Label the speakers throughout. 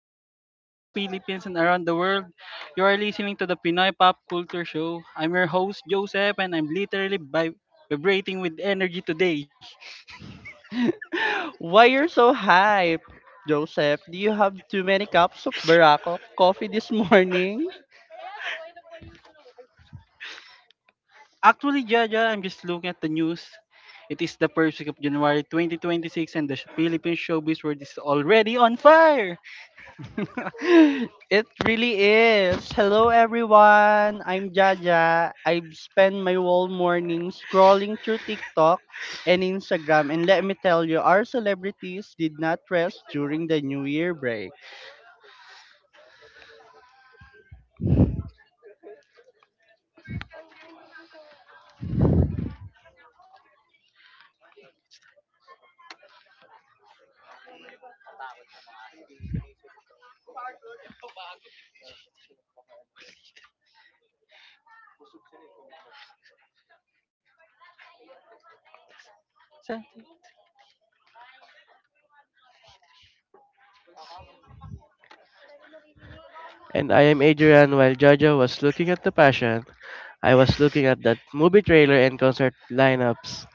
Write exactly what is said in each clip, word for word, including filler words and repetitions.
Speaker 1: our listeners across the Philippines and around the world. You are listening to the Pinoy Pop Culture Show. I'm your host, Joseph, and I'm literally vib- vibrating with energy today.
Speaker 2: Why you're so hype, Joseph? Do you have too many cups of Barako coffee this morning?
Speaker 1: Actually, Jaja, I'm just looking at the news. It is the first week of January twenty twenty-six, and the sh- Philippine showbiz world is already on fire.
Speaker 2: It really is. Hello everyone. I'm Jaja. I've spent my whole morning scrolling through TikTok and Instagram, and let me tell you, our celebrities did not rest during the New Year break.
Speaker 1: Sa-
Speaker 3: And I am Adrian. While Jojo was looking at the passion, I was looking at that movie trailer and concert lineups.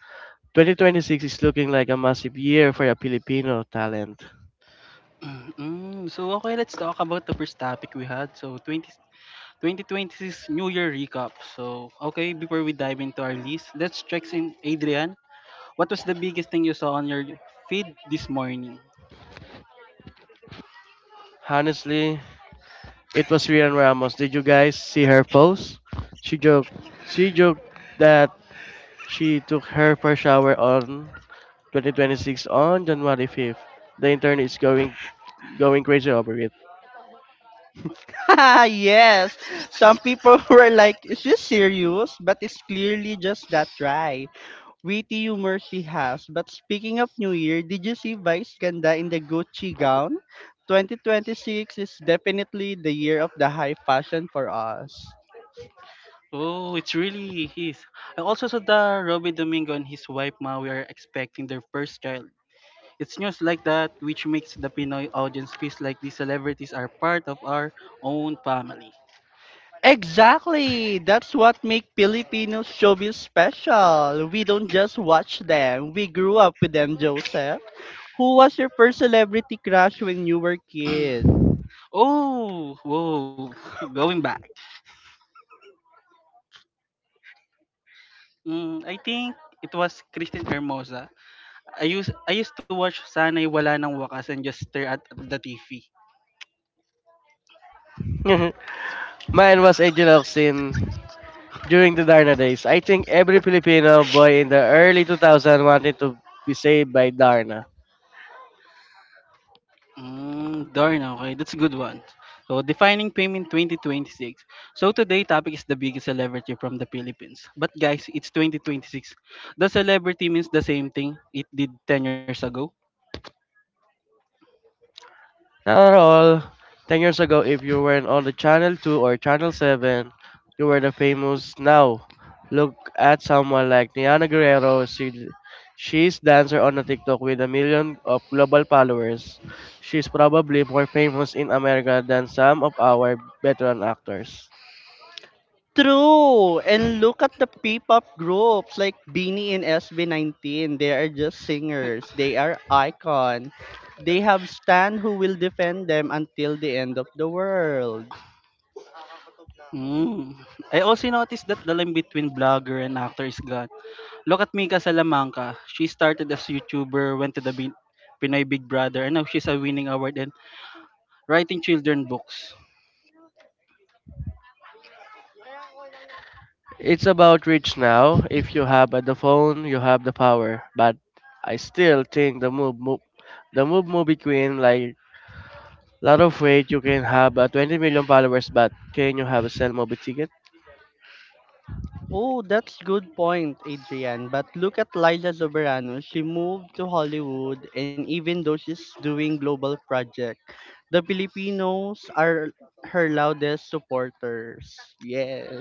Speaker 3: twenty twenty-six is looking like a massive year for a Filipino talent.
Speaker 1: Mm, mm. So, okay, let's talk about the first topic we had. So, twenty twenty twenty-six New Year recap. So, okay, before we dive into our list, let's check in Adrian. What was the biggest thing you saw on your feed this morning?
Speaker 3: Honestly, it was Rian Ramos. Did you guys see her post? She joked. She joked that She took her first shower on twenty twenty-six on January fifth. The internet is going going crazy over it.
Speaker 2: Yes. Some people were like, is this serious? But it's clearly just that dry, witty humor she has. But speaking of New Year, did you see Vice Ganda in the Gucci gown? twenty twenty-six is definitely the year of the high fashion for us.
Speaker 1: Oh, it's really his. I also saw that Robbie Domingo and his wife Ma we are expecting their first child. It's news like that which makes the Pinoy audience feels like these celebrities are part of our own family.
Speaker 2: Exactly. That's what make Filipino showbiz special. We don't just watch them. We grew up with them, Joseph. Who was your first celebrity crush when you were kid?
Speaker 1: Oh, whoa, going back. Mm, I think it was Christine Hermosa I used I used to watch Sana'y Wala Nang Wakas and just stare at the T V.
Speaker 3: Mine was Angel Oxin during the Darna days. I think every Filipino boy in the early two thousands wanted to be saved by Darna.
Speaker 1: Mm, darn, okay. That's a good one. So, defining fame in twenty twenty-six. So, today topic is the biggest celebrity from the Philippines. But guys, it's twenty twenty-six. The celebrity means the same thing it did ten years ago.
Speaker 3: Not at all, ten years ago, if you weren't on the Channel two or Channel seven, you were the famous now. Look at someone like Niana Guerrero. She, she's dancer on the TikTok with a million of global followers. She's probably more famous in America than some of our veteran actors.
Speaker 2: True. And look at the P-pop groups like Beanie and S B nineteen. They are just singers. They are icon. They have Stan who will defend them until the end of the world.
Speaker 1: Mm. I also noticed that the line between blogger and actor is gone. Look at Mika Salamanca. She started as YouTuber, went to the Bin- Pinoy Big Brother, and now she's a winning award and writing children books.
Speaker 3: It's about reach now. If you have the phone, you have the power. But I still think the move, move the move movie queen like lot of weight. You can have uh, twenty million followers, but can you have a sell movie ticket?
Speaker 2: Oh, that's good point, Adrian. But look at Liza Soberano. She moved to Hollywood, and even though she's doing global project, the Filipinos are her loudest supporters. Yes.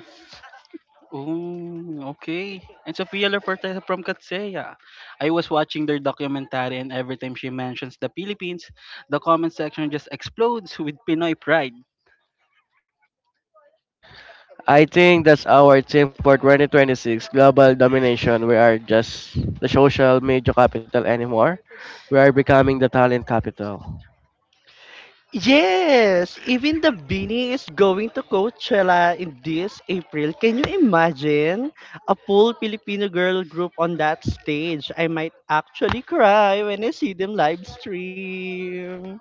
Speaker 1: Ooh, okay. And Sofia Laporta from Katsaya. I was watching their documentary and every time she mentions the Philippines, the comment section just explodes with Pinoy pride.
Speaker 3: I think that's our theme for twenty twenty-six global domination. We are just the social media capital anymore. We are becoming the talent capital.
Speaker 2: Yes, even the Beanie is going to Coachella in this April. Can you imagine a full Filipino girl group on that stage? I might actually cry when I see them live stream.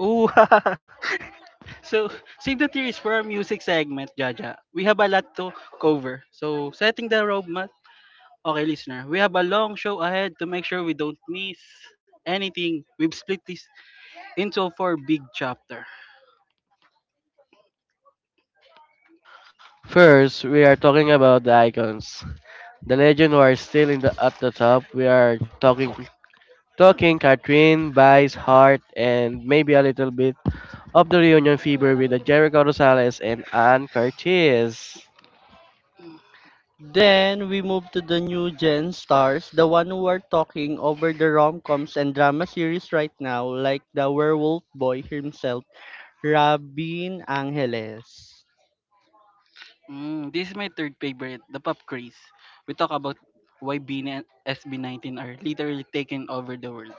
Speaker 1: Ooh, so, save the tears for our music segment, Jaja. We have a lot to cover. So, setting the roadmap. Okay, listener, we have a long show ahead to make sure we don't miss anything. We've split this into four big chapter.
Speaker 3: First, we are talking about the icons. The legend who are still in the at the top. We are talking talking Catherine, Vice, Hart, and maybe a little bit of the reunion fever with the Jericho Rosales and Ann Curtis.
Speaker 2: Then we move to the new gen stars, the one who are talking over the rom-coms and drama series right now, like the werewolf boy himself, Rabin Angeles.
Speaker 1: Mm, this is my third favorite, the pop craze. We talk about why B N and S B nineteen are literally taking over the world.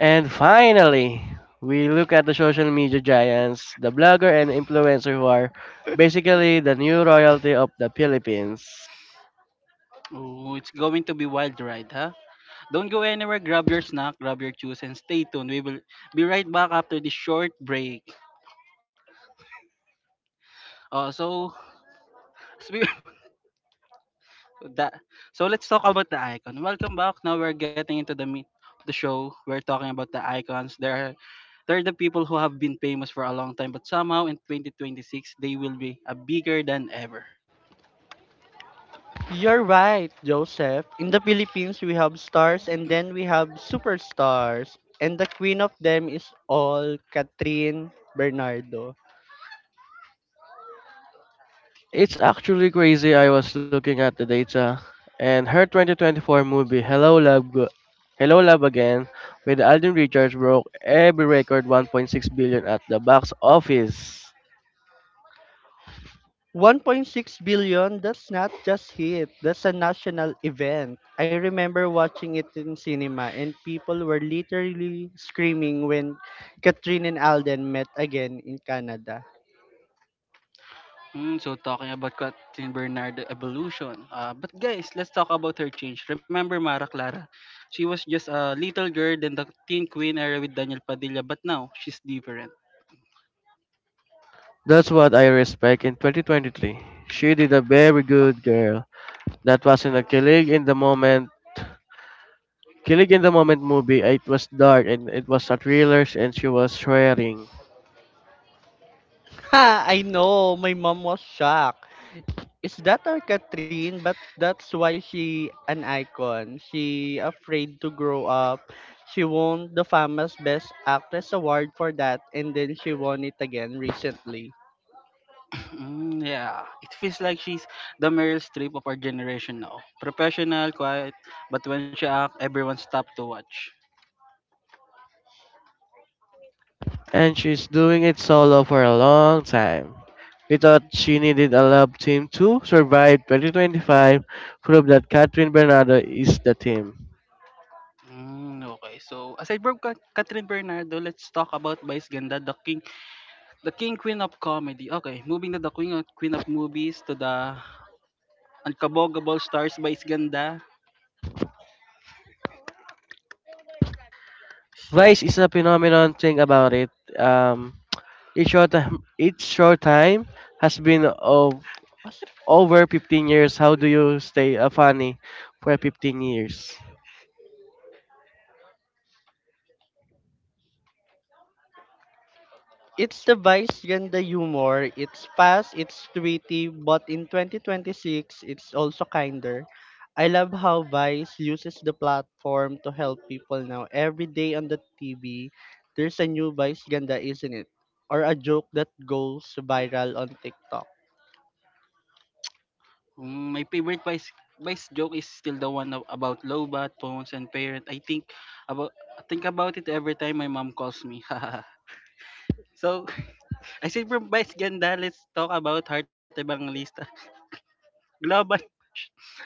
Speaker 3: And finally, we look at the social media giants, the blogger and influencer who are basically the new royalty of the Philippines.
Speaker 1: Oh, it's going to be wild ride, huh? Don't go anywhere, grab your snack, grab your juice, and stay tuned. We will be right back after this short break. Uh, so, spe- that, so let's talk about the icon. Welcome back. Now we're getting into the meat of the show. We're talking about the icons. There are, there are the people who have been famous for a long time, but somehow in twenty twenty-six, they will be a bigger than ever.
Speaker 2: You're right, Joseph. In the Philippines, we have stars, and then we have superstars. And the queen of them is all Catherine Bernardo.
Speaker 3: It's actually crazy. I was looking at the data and her two thousand twenty-four movie Hello Love Go- Hello Love Again with Alden Richards broke every record one point six billion at the box office.
Speaker 2: one point six billion, that's not just hit. That's a national event. I remember watching it in cinema, and people were literally screaming when Catherine and Alden met again in Canada.
Speaker 1: Mm, so talking about Catherine Bernardo evolution. Uh, but guys, let's talk about her change. Remember Mara Clara? She was just a little girl in the teen queen era with Daniel Padilla, but now she's different.
Speaker 3: That's what I respect in twenty twenty-three. She did a very good girl that was in a killing in the moment Killing in the Moment movie, it was dark and it was a thriller and she was swearing.
Speaker 2: Ha! I know, my mom was shocked. Is that our Catherine? But that's why she an icon. She afraid to grow up. She won the famous Best Actress award for that, and then she won it again recently.
Speaker 1: Mm, yeah, it feels like she's the Meryl Streep of our generation now. Professional, quiet, but when she acts, everyone stopped to watch.
Speaker 3: And she's doing it solo for a long time. We thought she needed a love team to survive twenty twenty-five, prove that Catherine Bernardo is the team.
Speaker 1: Mm, okay, so aside from Kat- Catherine Bernardo, let's talk about Vice Ganda, the king, the king queen of comedy. Okay, moving to the queen of, queen of movies to the Uncommon Stars by Ganda.
Speaker 3: Vice is a phenomenon Think about it. Um, each short, time, each short time has been of over fifteen years. How do you stay uh, funny for fifteen years?
Speaker 2: It's the Vice Ganda humor. It's fast, it's witty, but in twenty twenty-six, it's also kinder. I love how Vice uses the platform to help people now. Every day on the T V, there's a new Vice Ganda, isn't it? Or a joke that goes viral on TikTok.
Speaker 1: Um, my favorite Vice Vice joke is still the one ab- about Lobat, phones, and parent. I think about think about it every time my mom calls me. So, I said from Vice Ganda, let's talk about Heart Evangelista. Global. Ay,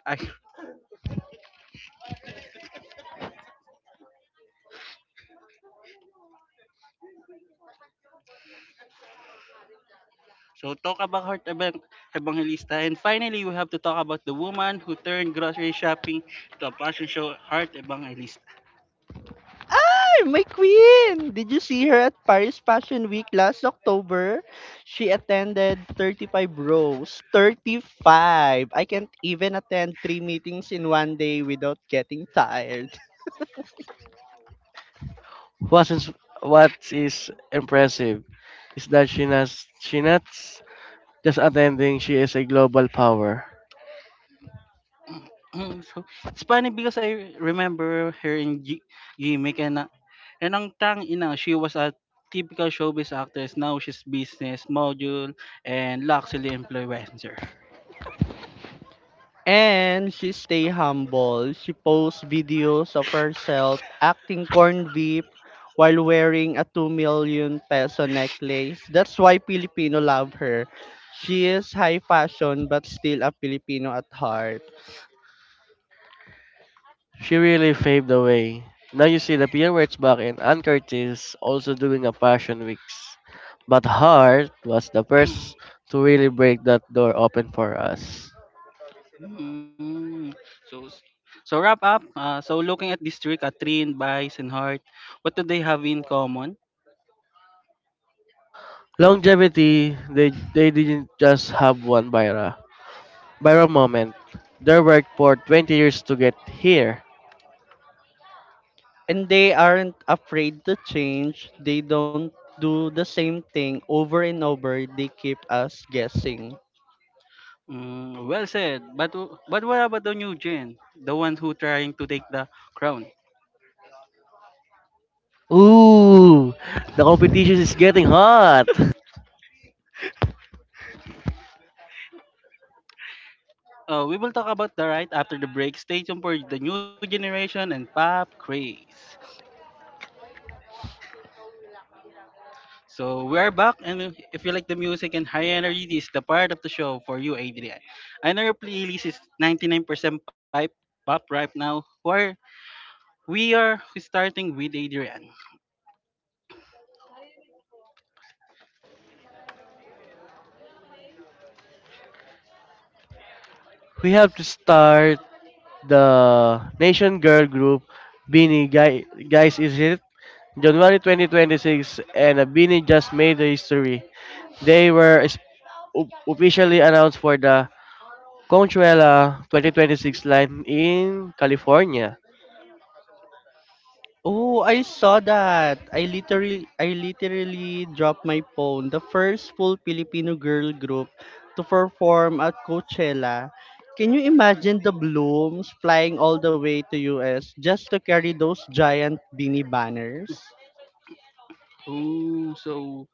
Speaker 1: so, talk about Heart Evang- Evangelista. And finally, we have to talk about the woman who turned grocery shopping to a fashion show, Heart Evangelista.
Speaker 2: My queen! Did you see her at Paris Fashion Week last October? She attended thirty-five rows. five I can't even attend three meetings in one day without getting tired.
Speaker 3: What is what is impressive is that she not she not just attending. She is a global power.
Speaker 1: Mm, so it's funny because I remember her in G- Gimmick and uh, and ang tang ina, she was a typical showbiz actress. Now she's business module and luxury influencer.
Speaker 2: And she stay humble. She posts videos of herself acting corn beef while wearing a two million peso necklace. That's why Filipino love her. She is high fashion but still a Filipino at heart.
Speaker 3: She really paved the way. Now you see the Pierrettes back in and Curtis also doing a passion weeks. But Hart was the first to really break that door open for us.
Speaker 1: Mm. So s- so wrap up. Uh, so looking at this three, Katrin, Vice, and Hart, what do they have in common?
Speaker 3: Longevity, they, they didn't just have one Byra. Byra moment. They worked for twenty years to get here.
Speaker 2: And they aren't afraid to change. They don't do the same thing over and over. They keep us guessing.
Speaker 1: Mm, well said. But w- but what about the new gen, the one who trying to take the crown?
Speaker 3: Ooh, the competition is getting hot.
Speaker 1: Uh, we will talk about the right after the break. Stay tuned for the new generation and pop craze. So we are back, and if you like the music and high energy, this is the part of the show for you, Adrian. I know your playlist is ninety-nine percent pipe pop right now. Where we are starting with Adrian.
Speaker 3: We have to start the Nation Girl Group Beanie Guy, guys, is it? January twenty twenty-six and uh, Beanie just made the history. They were is- o- officially announced for the Conchuela twenty twenty-six line in California.
Speaker 2: Oh, I saw that. I literally I literally dropped my phone. The first full Filipino girl group to perform at Coachella. Can you imagine the blooms flying all the way to U S just to carry those giant beanie banners?
Speaker 1: Ooh, so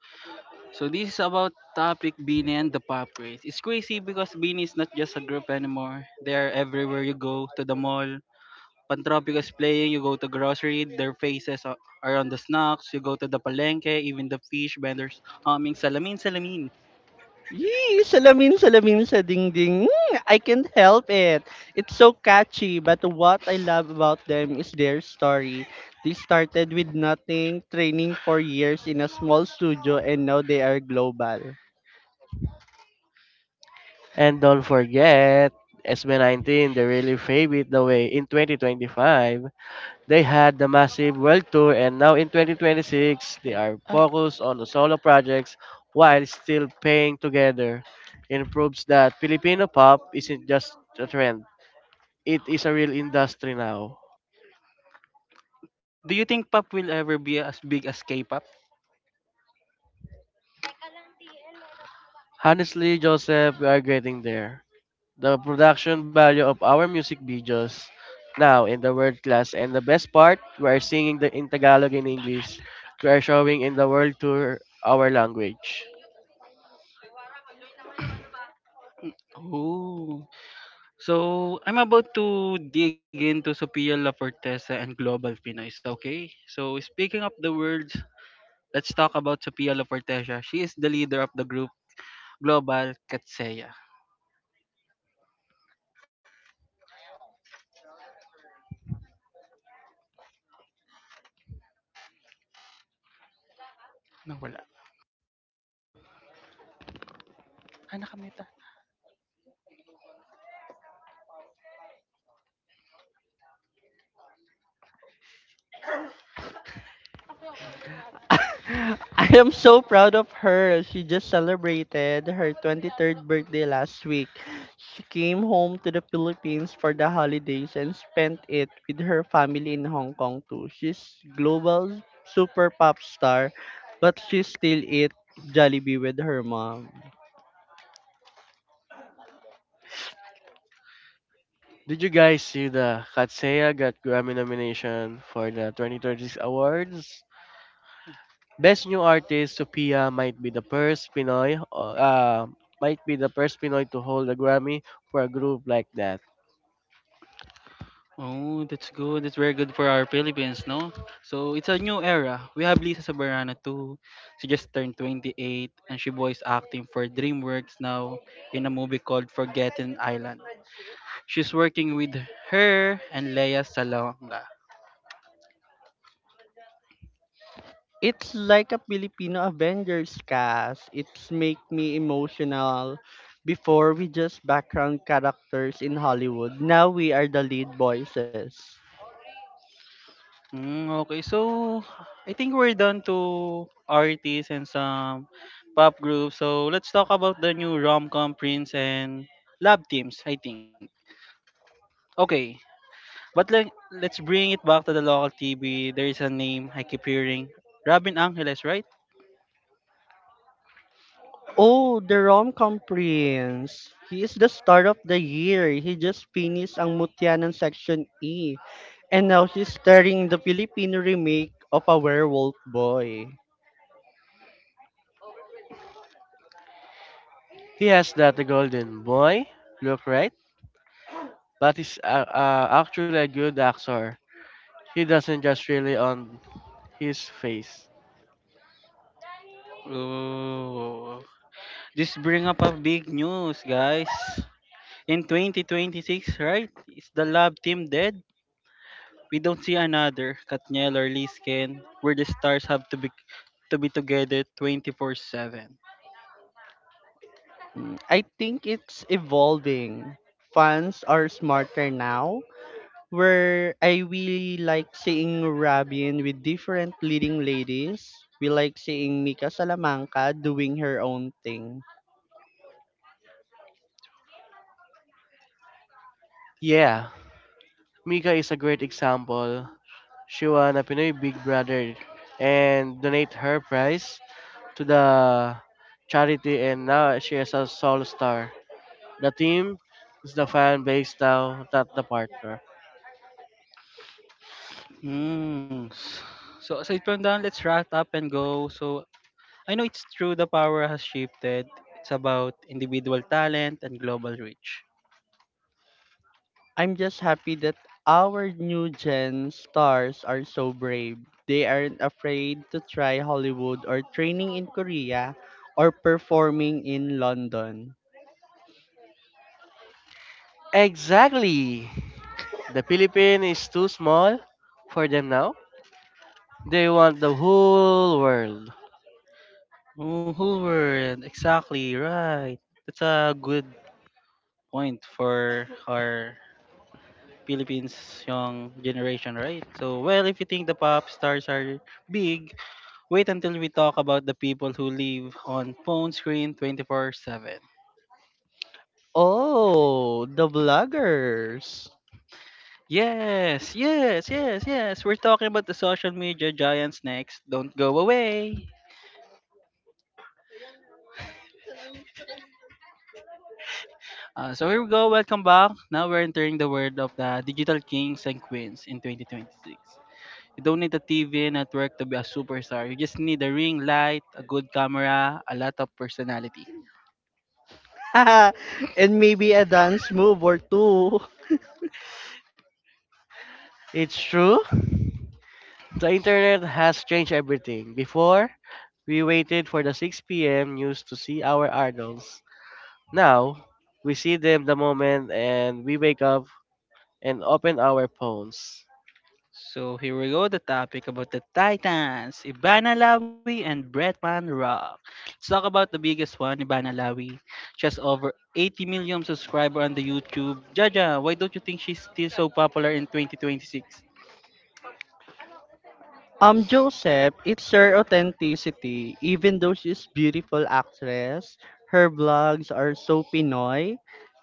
Speaker 1: so this is about topic Beanie and the pop craze. It's crazy because Beanie is not just a group anymore. They are everywhere you go to the mall, Pantropic is playing, you go to grocery, their faces a- are on the snacks, you go to the palenque, even the fish vendors humming salamin salamin.
Speaker 2: Yee, salamin, salamin sa dingding. Mm, I can't help it. It's so catchy, but what I love about them is their story. They started with nothing, training for years in a small studio, and now they are global.
Speaker 3: And don't forget, S B nineteen, they really paved it the way in twenty twenty-five. They had the massive world tour and now in twenty twenty-six they
Speaker 1: Ay,
Speaker 3: are
Speaker 1: ah,
Speaker 3: focused on the solo projects while still paying together. It proves that Filipino pop isn't just a trend. It is a real industry now.
Speaker 1: do you think pop will ever be as big as K-pop?
Speaker 3: Honestly, Joseph, we are getting there. The production value of our music videos now in the world class and the best part, we are singing the in Tagalog and English. We are showing in the world tour our language.
Speaker 1: Oh. So, I'm about to dig into Sophia Lafortesa and Global Pinoys, okay? So, speaking of the words, let's talk about Sophia Lafortesa. She is the leader of the group Global Katseya. Nawala. Ah, nakamute.
Speaker 2: I am so proud of her. She just celebrated her twenty-third birthday last week. She came home to the Philippines for the holidays and spent it with her family in Hong Kong too. She's global super pop star, but she still eat Jollibee with her mom.
Speaker 3: Did you guys see the Katsaya got Grammy nomination for the twenty twenty-six awards? Best New Artist, Sophia might be the first Pinoy, uh, uh, might be the first Pinoy to hold a Grammy for a group like that.
Speaker 1: Oh, that's good. That's very good for our Philippines, no? So it's a new era. We have Lisa Soberano too. She just turned twenty-eight and she voice acting for DreamWorks now in a movie called Forgotten Island. She's working with her and Lea Salonga.
Speaker 2: It's like a Filipino Avengers cast. It's make me emotional. Before we just background characters in Hollywood, now we are the lead voices.
Speaker 1: Mm, okay, so I think we're done to artists and some pop groups. So let's talk about the new rom-com Prince and Love Teams, I think. Okay, but like, let's bring it back to the local T V. There is a name I keep hearing. Robin Angeles, right?
Speaker 2: Oh, the rom-com prince. He is the star of the year. He just finished Ang Mutyanan Section E. And now he's starring the Filipino remake of A Werewolf Boy.
Speaker 3: He has that the Golden Boy look, right? But he's uh, uh, actually a good actor. He doesn't just really on his face.
Speaker 1: Oh, this bring up a big news, guys. In twenty twenty-six, right? Is the lab team dead? We don't see another Katniel or Lisken where the stars have to be to be together twenty-four seven.
Speaker 2: Mm, I think it's evolving. Fans are smarter now. Where I really like seeing Robin with different leading ladies. We like seeing Mika Salamanca doing her own thing.
Speaker 3: Yeah, Mika is a great example. She won a Pinoy Big Brother and donate her prize to the charity and now she is a soul star. The team is the fan base now, not the partner.
Speaker 1: Mm. So aside from that, let's wrap up and go. So I know it's true the power has shifted. It's about individual talent and global reach.
Speaker 2: I'm just happy that our new gen stars are so brave. They aren't afraid to try Hollywood or training in Korea or performing in London.
Speaker 3: Exactly. The Philippines is too small for them now. They want the whole world.
Speaker 1: Oh, whole world. Exactly, right. That's a good point for our Philippines young generation, right? So, well, if you think the pop stars are big, wait until we talk about the people who live on phone screen twenty-four seven.
Speaker 2: Oh, the vloggers.
Speaker 1: Yes, yes, yes, yes. We're talking about the social media giants next. Don't go away. Uh, so here we go. Welcome back. Now we're entering the world of the digital kings and queens in twenty twenty-six. You don't need a T V network to be a superstar. You just need a ring light, a good camera, a lot of personality.
Speaker 2: And maybe a dance move or two.
Speaker 3: It's true. The internet has changed everything. Before, we waited for the six p m news to see our idols. Now, we see them the moment and we wake up and open our phones.
Speaker 1: So here we go. The topic about the Titans, Ibana Lawi and Bretman Rock. Let's talk about the biggest one, Ibana Lawi. She has over eighty million subscribers on the YouTube. Jaja, why don't you think she's still so popular in twenty twenty-six?
Speaker 2: Um, Joseph, it's her authenticity. Even though she's beautiful actress, her vlogs are so Pinoy.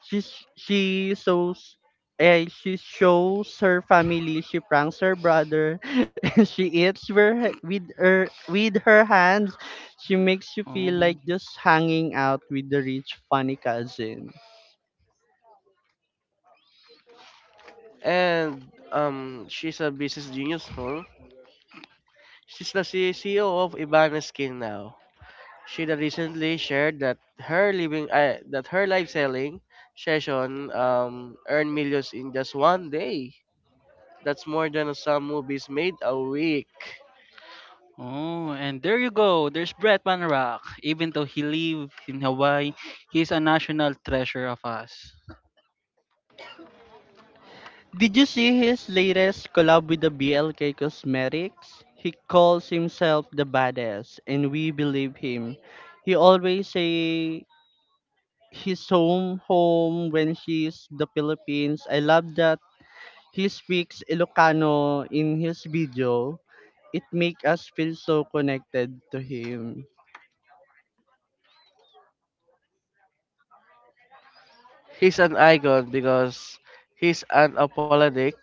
Speaker 2: She's she shows eh, she shows her family, she pranks her brother, and she eats with her, with her with her hands. She makes you
Speaker 1: Oh.
Speaker 2: feel like just hanging out with the rich funny cousin.
Speaker 3: And um, she's a business genius, huh? She's the C E O of Ibana Skin now. She that recently shared that her living, uh, that her live selling session um earned millions in just one day. That's more than some movies made a week.
Speaker 1: Oh, and there you go. There's Brett Van Rock. Even though he lives in Hawaii, he's a national treasure of us.
Speaker 2: Did you see his latest collab with the B L K Cosmetics? He calls himself the badass, and we believe him. He always say he's home home when he's the Philippines. I love that he speaks Ilocano in his video. It make us feel so connected to him.
Speaker 3: He's an icon because he's an apologetic.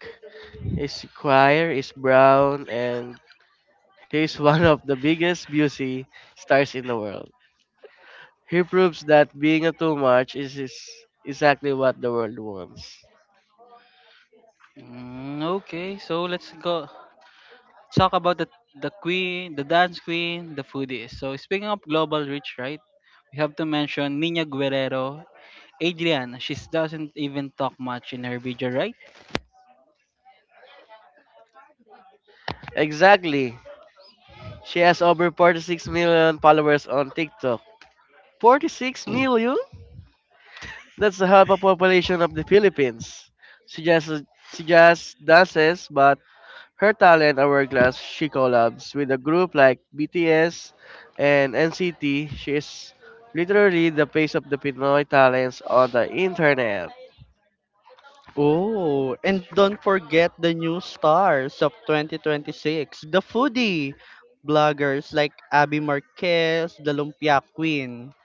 Speaker 3: His choir is brown, and he's one of the biggest beauty stars in the world. He proves that being a too much is, is exactly what the world wants.
Speaker 1: Mm, okay, so let's go talk about the the queen, the dance queen, the foodies. So speaking of global reach, right? We have to mention Nina Guerrero, Adrian. She doesn't even talk much in her video, right?
Speaker 3: Exactly. She has over forty-six million followers on TikTok. forty-six million? That's the half a population of the Philippines. She just she just dances, but her talent hourglass. She collabs with a group like B T S and N C T. She is literally the face of the Pinoy talents on the internet.
Speaker 2: Oh, and don't forget the new stars of twenty twenty-six, the foodie bloggers like Abby Marquez, the Lumpia Queen.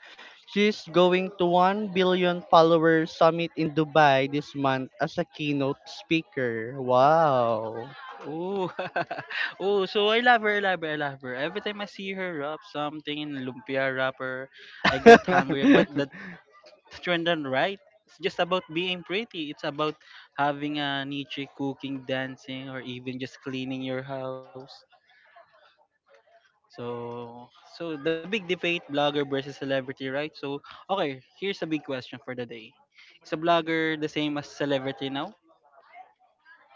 Speaker 2: She's going to One Billion Follower Summit in Dubai this month as a keynote speaker. Wow.
Speaker 1: Oh, oh. So I love her, I love her, I love her. Every time I see her rap something in lumpia wrapper, I get hungry. But the trend and right. It's just about being pretty. It's about having a niche cooking, dancing, or even just cleaning your house. So, so the big debate: blogger versus celebrity, right? So, okay, here's a big question for the day: is a blogger the same as celebrity now?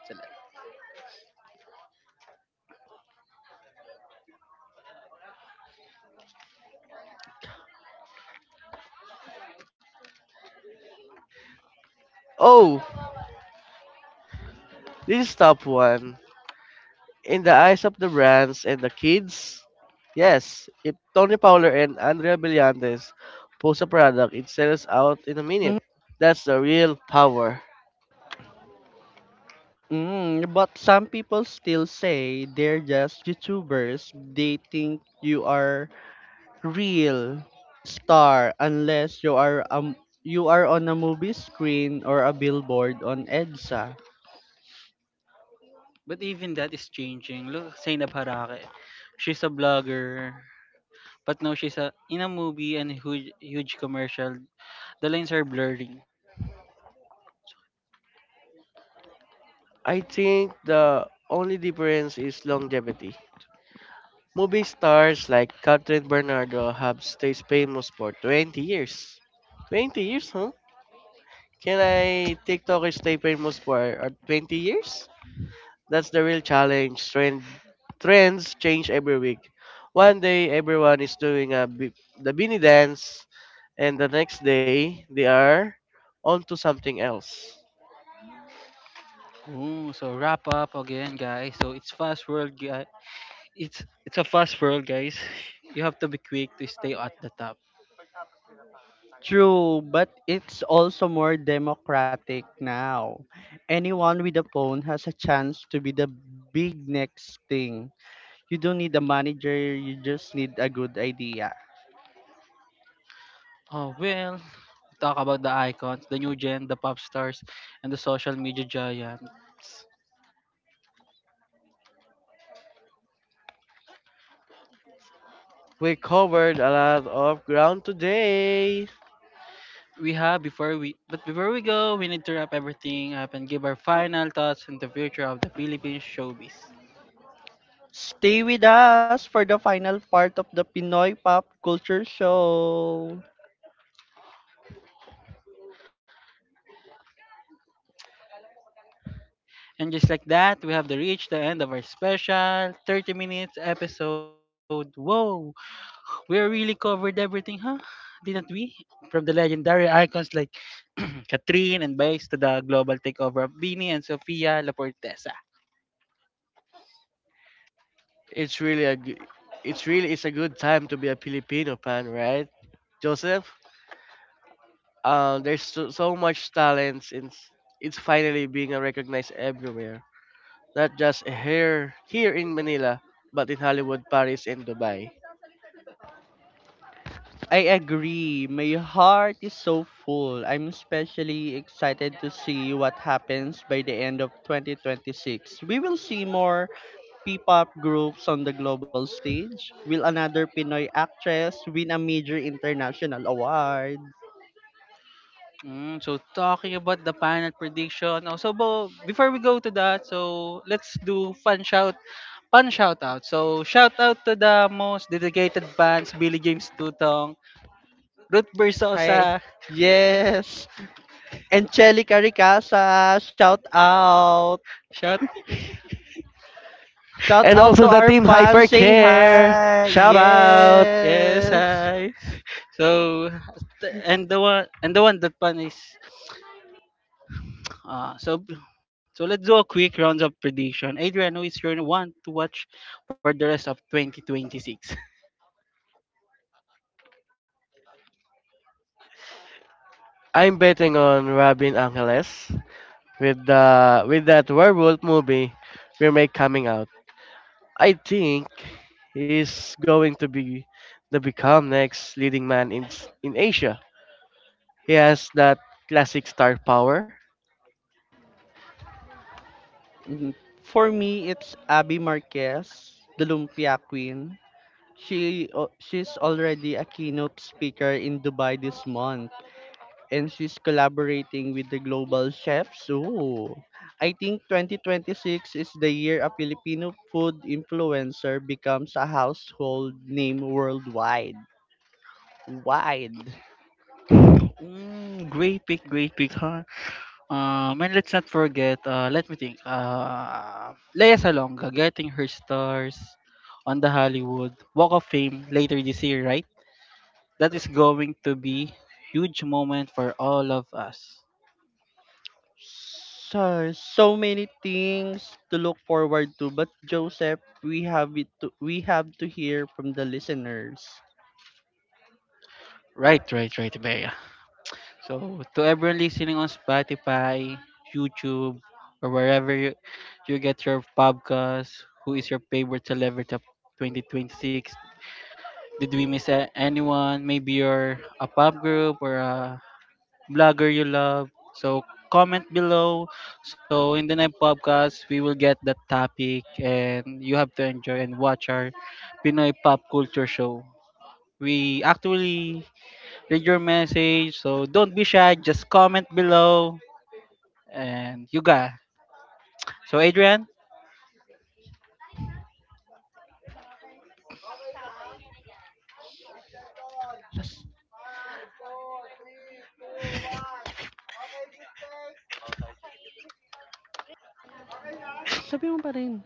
Speaker 1: Cele-
Speaker 3: Oh, this is top one. In the eyes of the brands and the kids, yes, if Tony Fowler and Andrea Brillantes post a product, it sells out in a minute. That's the real power.
Speaker 2: Mm, but some people still say they're just YouTubers. They think you are real star unless you are um you are on a movie screen or a billboard on EDSA.
Speaker 1: But even that is changing. Look, Zainab Harake, she's a blogger, but now she's a, in a movie and huge, huge commercial. The lines are blurring.
Speaker 3: I think the only difference is longevity. Movie stars like Catherine Bernardo have stayed famous for twenty years. twenty years, huh? Can I TikToker stay famous for uh, twenty years? That's the real challenge. Trend, trends change every week. One day everyone is doing a bi- the beanie dance, and the next day they are onto something else.
Speaker 1: Ooh, so wrap up again, guys. So it's fast world, guys. It's it's a fast world, guys. You have to be quick to stay at the top.
Speaker 2: True, but it's also more democratic now. Anyone with a phone has a chance to be the big next thing. You don't need a manager, you just need a good idea.
Speaker 1: Oh well, we talk about the icons, the new gen, the pop stars, and the social media giants.
Speaker 3: We covered a lot of ground today.
Speaker 1: We have before we, But before we go, we need to wrap everything up and give our final thoughts on the future of the Philippine showbiz.
Speaker 2: Stay with us for the final part of the Pinoy Pop Culture Show.
Speaker 1: And just like that, we have the reached the end of our special thirty minutes episode. Whoa! We really covered everything, huh? Didn't we? From the legendary icons like Catherine and Baez to the global takeover of Bini and Sofia La.
Speaker 3: It's really a g- it's really is a good time to be a Filipino fan, right, Joseph? Uh, there's so, so much talents and it's it's finally being recognized everywhere. Not just here here in Manila, but in Hollywood, Paris, and Dubai.
Speaker 2: I agree. My heart is so full. I'm especially excited to see what happens by the end of twenty twenty-six. We will see more P-pop groups on the global stage. Will another Pinoy actress win a major international award?
Speaker 1: Mm, so talking about the final prediction. Also, Bo, before we go to that, so let's do fun shout, fun shout out. So shout out to the most dedicated fans, Billy James Tutong, Ruth Bersosa.
Speaker 2: Hi. Yes. Angelica Ricasa, shout out.
Speaker 1: Shout,
Speaker 2: Shout
Speaker 3: And
Speaker 2: out
Speaker 3: also
Speaker 2: to
Speaker 3: the
Speaker 2: our
Speaker 3: team
Speaker 2: fans. Say
Speaker 3: Hypercare.
Speaker 2: hi.
Speaker 3: Shout out!
Speaker 1: yes,
Speaker 2: Yes.
Speaker 1: hi. So, t- and the one, and the one that pun is. Uh, so so let's do a quick rounds of prediction. Adrian, who is your one to watch for the rest of twenty twenty-six?
Speaker 3: I'm betting on Robin Angeles with the with that werewolf movie remake coming out. I think he's going to be the become next leading man in s- in Asia. He has that classic star power
Speaker 2: Mhm. For me, it's Abby Marquez, the Lumpia Queen. She o- she's already a keynote speaker in Dubai this month, and she's collaborating with the global chefs. Ooh, I think twenty twenty-six is the year a Filipino food influencer becomes a household name worldwide. Wide.
Speaker 1: Mm, great pick, great pick, huh? Um, and let's not forget. Uh, let me think. Uh, Lea Salonga getting her stars on the Hollywood Walk of Fame later this year, right? That is going to be huge moment for all of us.
Speaker 2: So, so many things to look forward to, but Joseph, we have it to, we have to hear from the listeners.
Speaker 1: Right, right, right, Bea. So to everyone listening on Spotify, YouTube, or wherever you, you get your podcast, who is your favorite celebrity of twenty twenty-six? Did we miss a- anyone? Maybe you're a pop group or a blogger you love. So comment below. So in the next podcast, we will get that topic and you have to enjoy and watch our Pinoy pop culture show. We actually read your message. So don't be shy. Just comment below and Yuga. So Adrian?
Speaker 2: Las, sabi mo pa rin.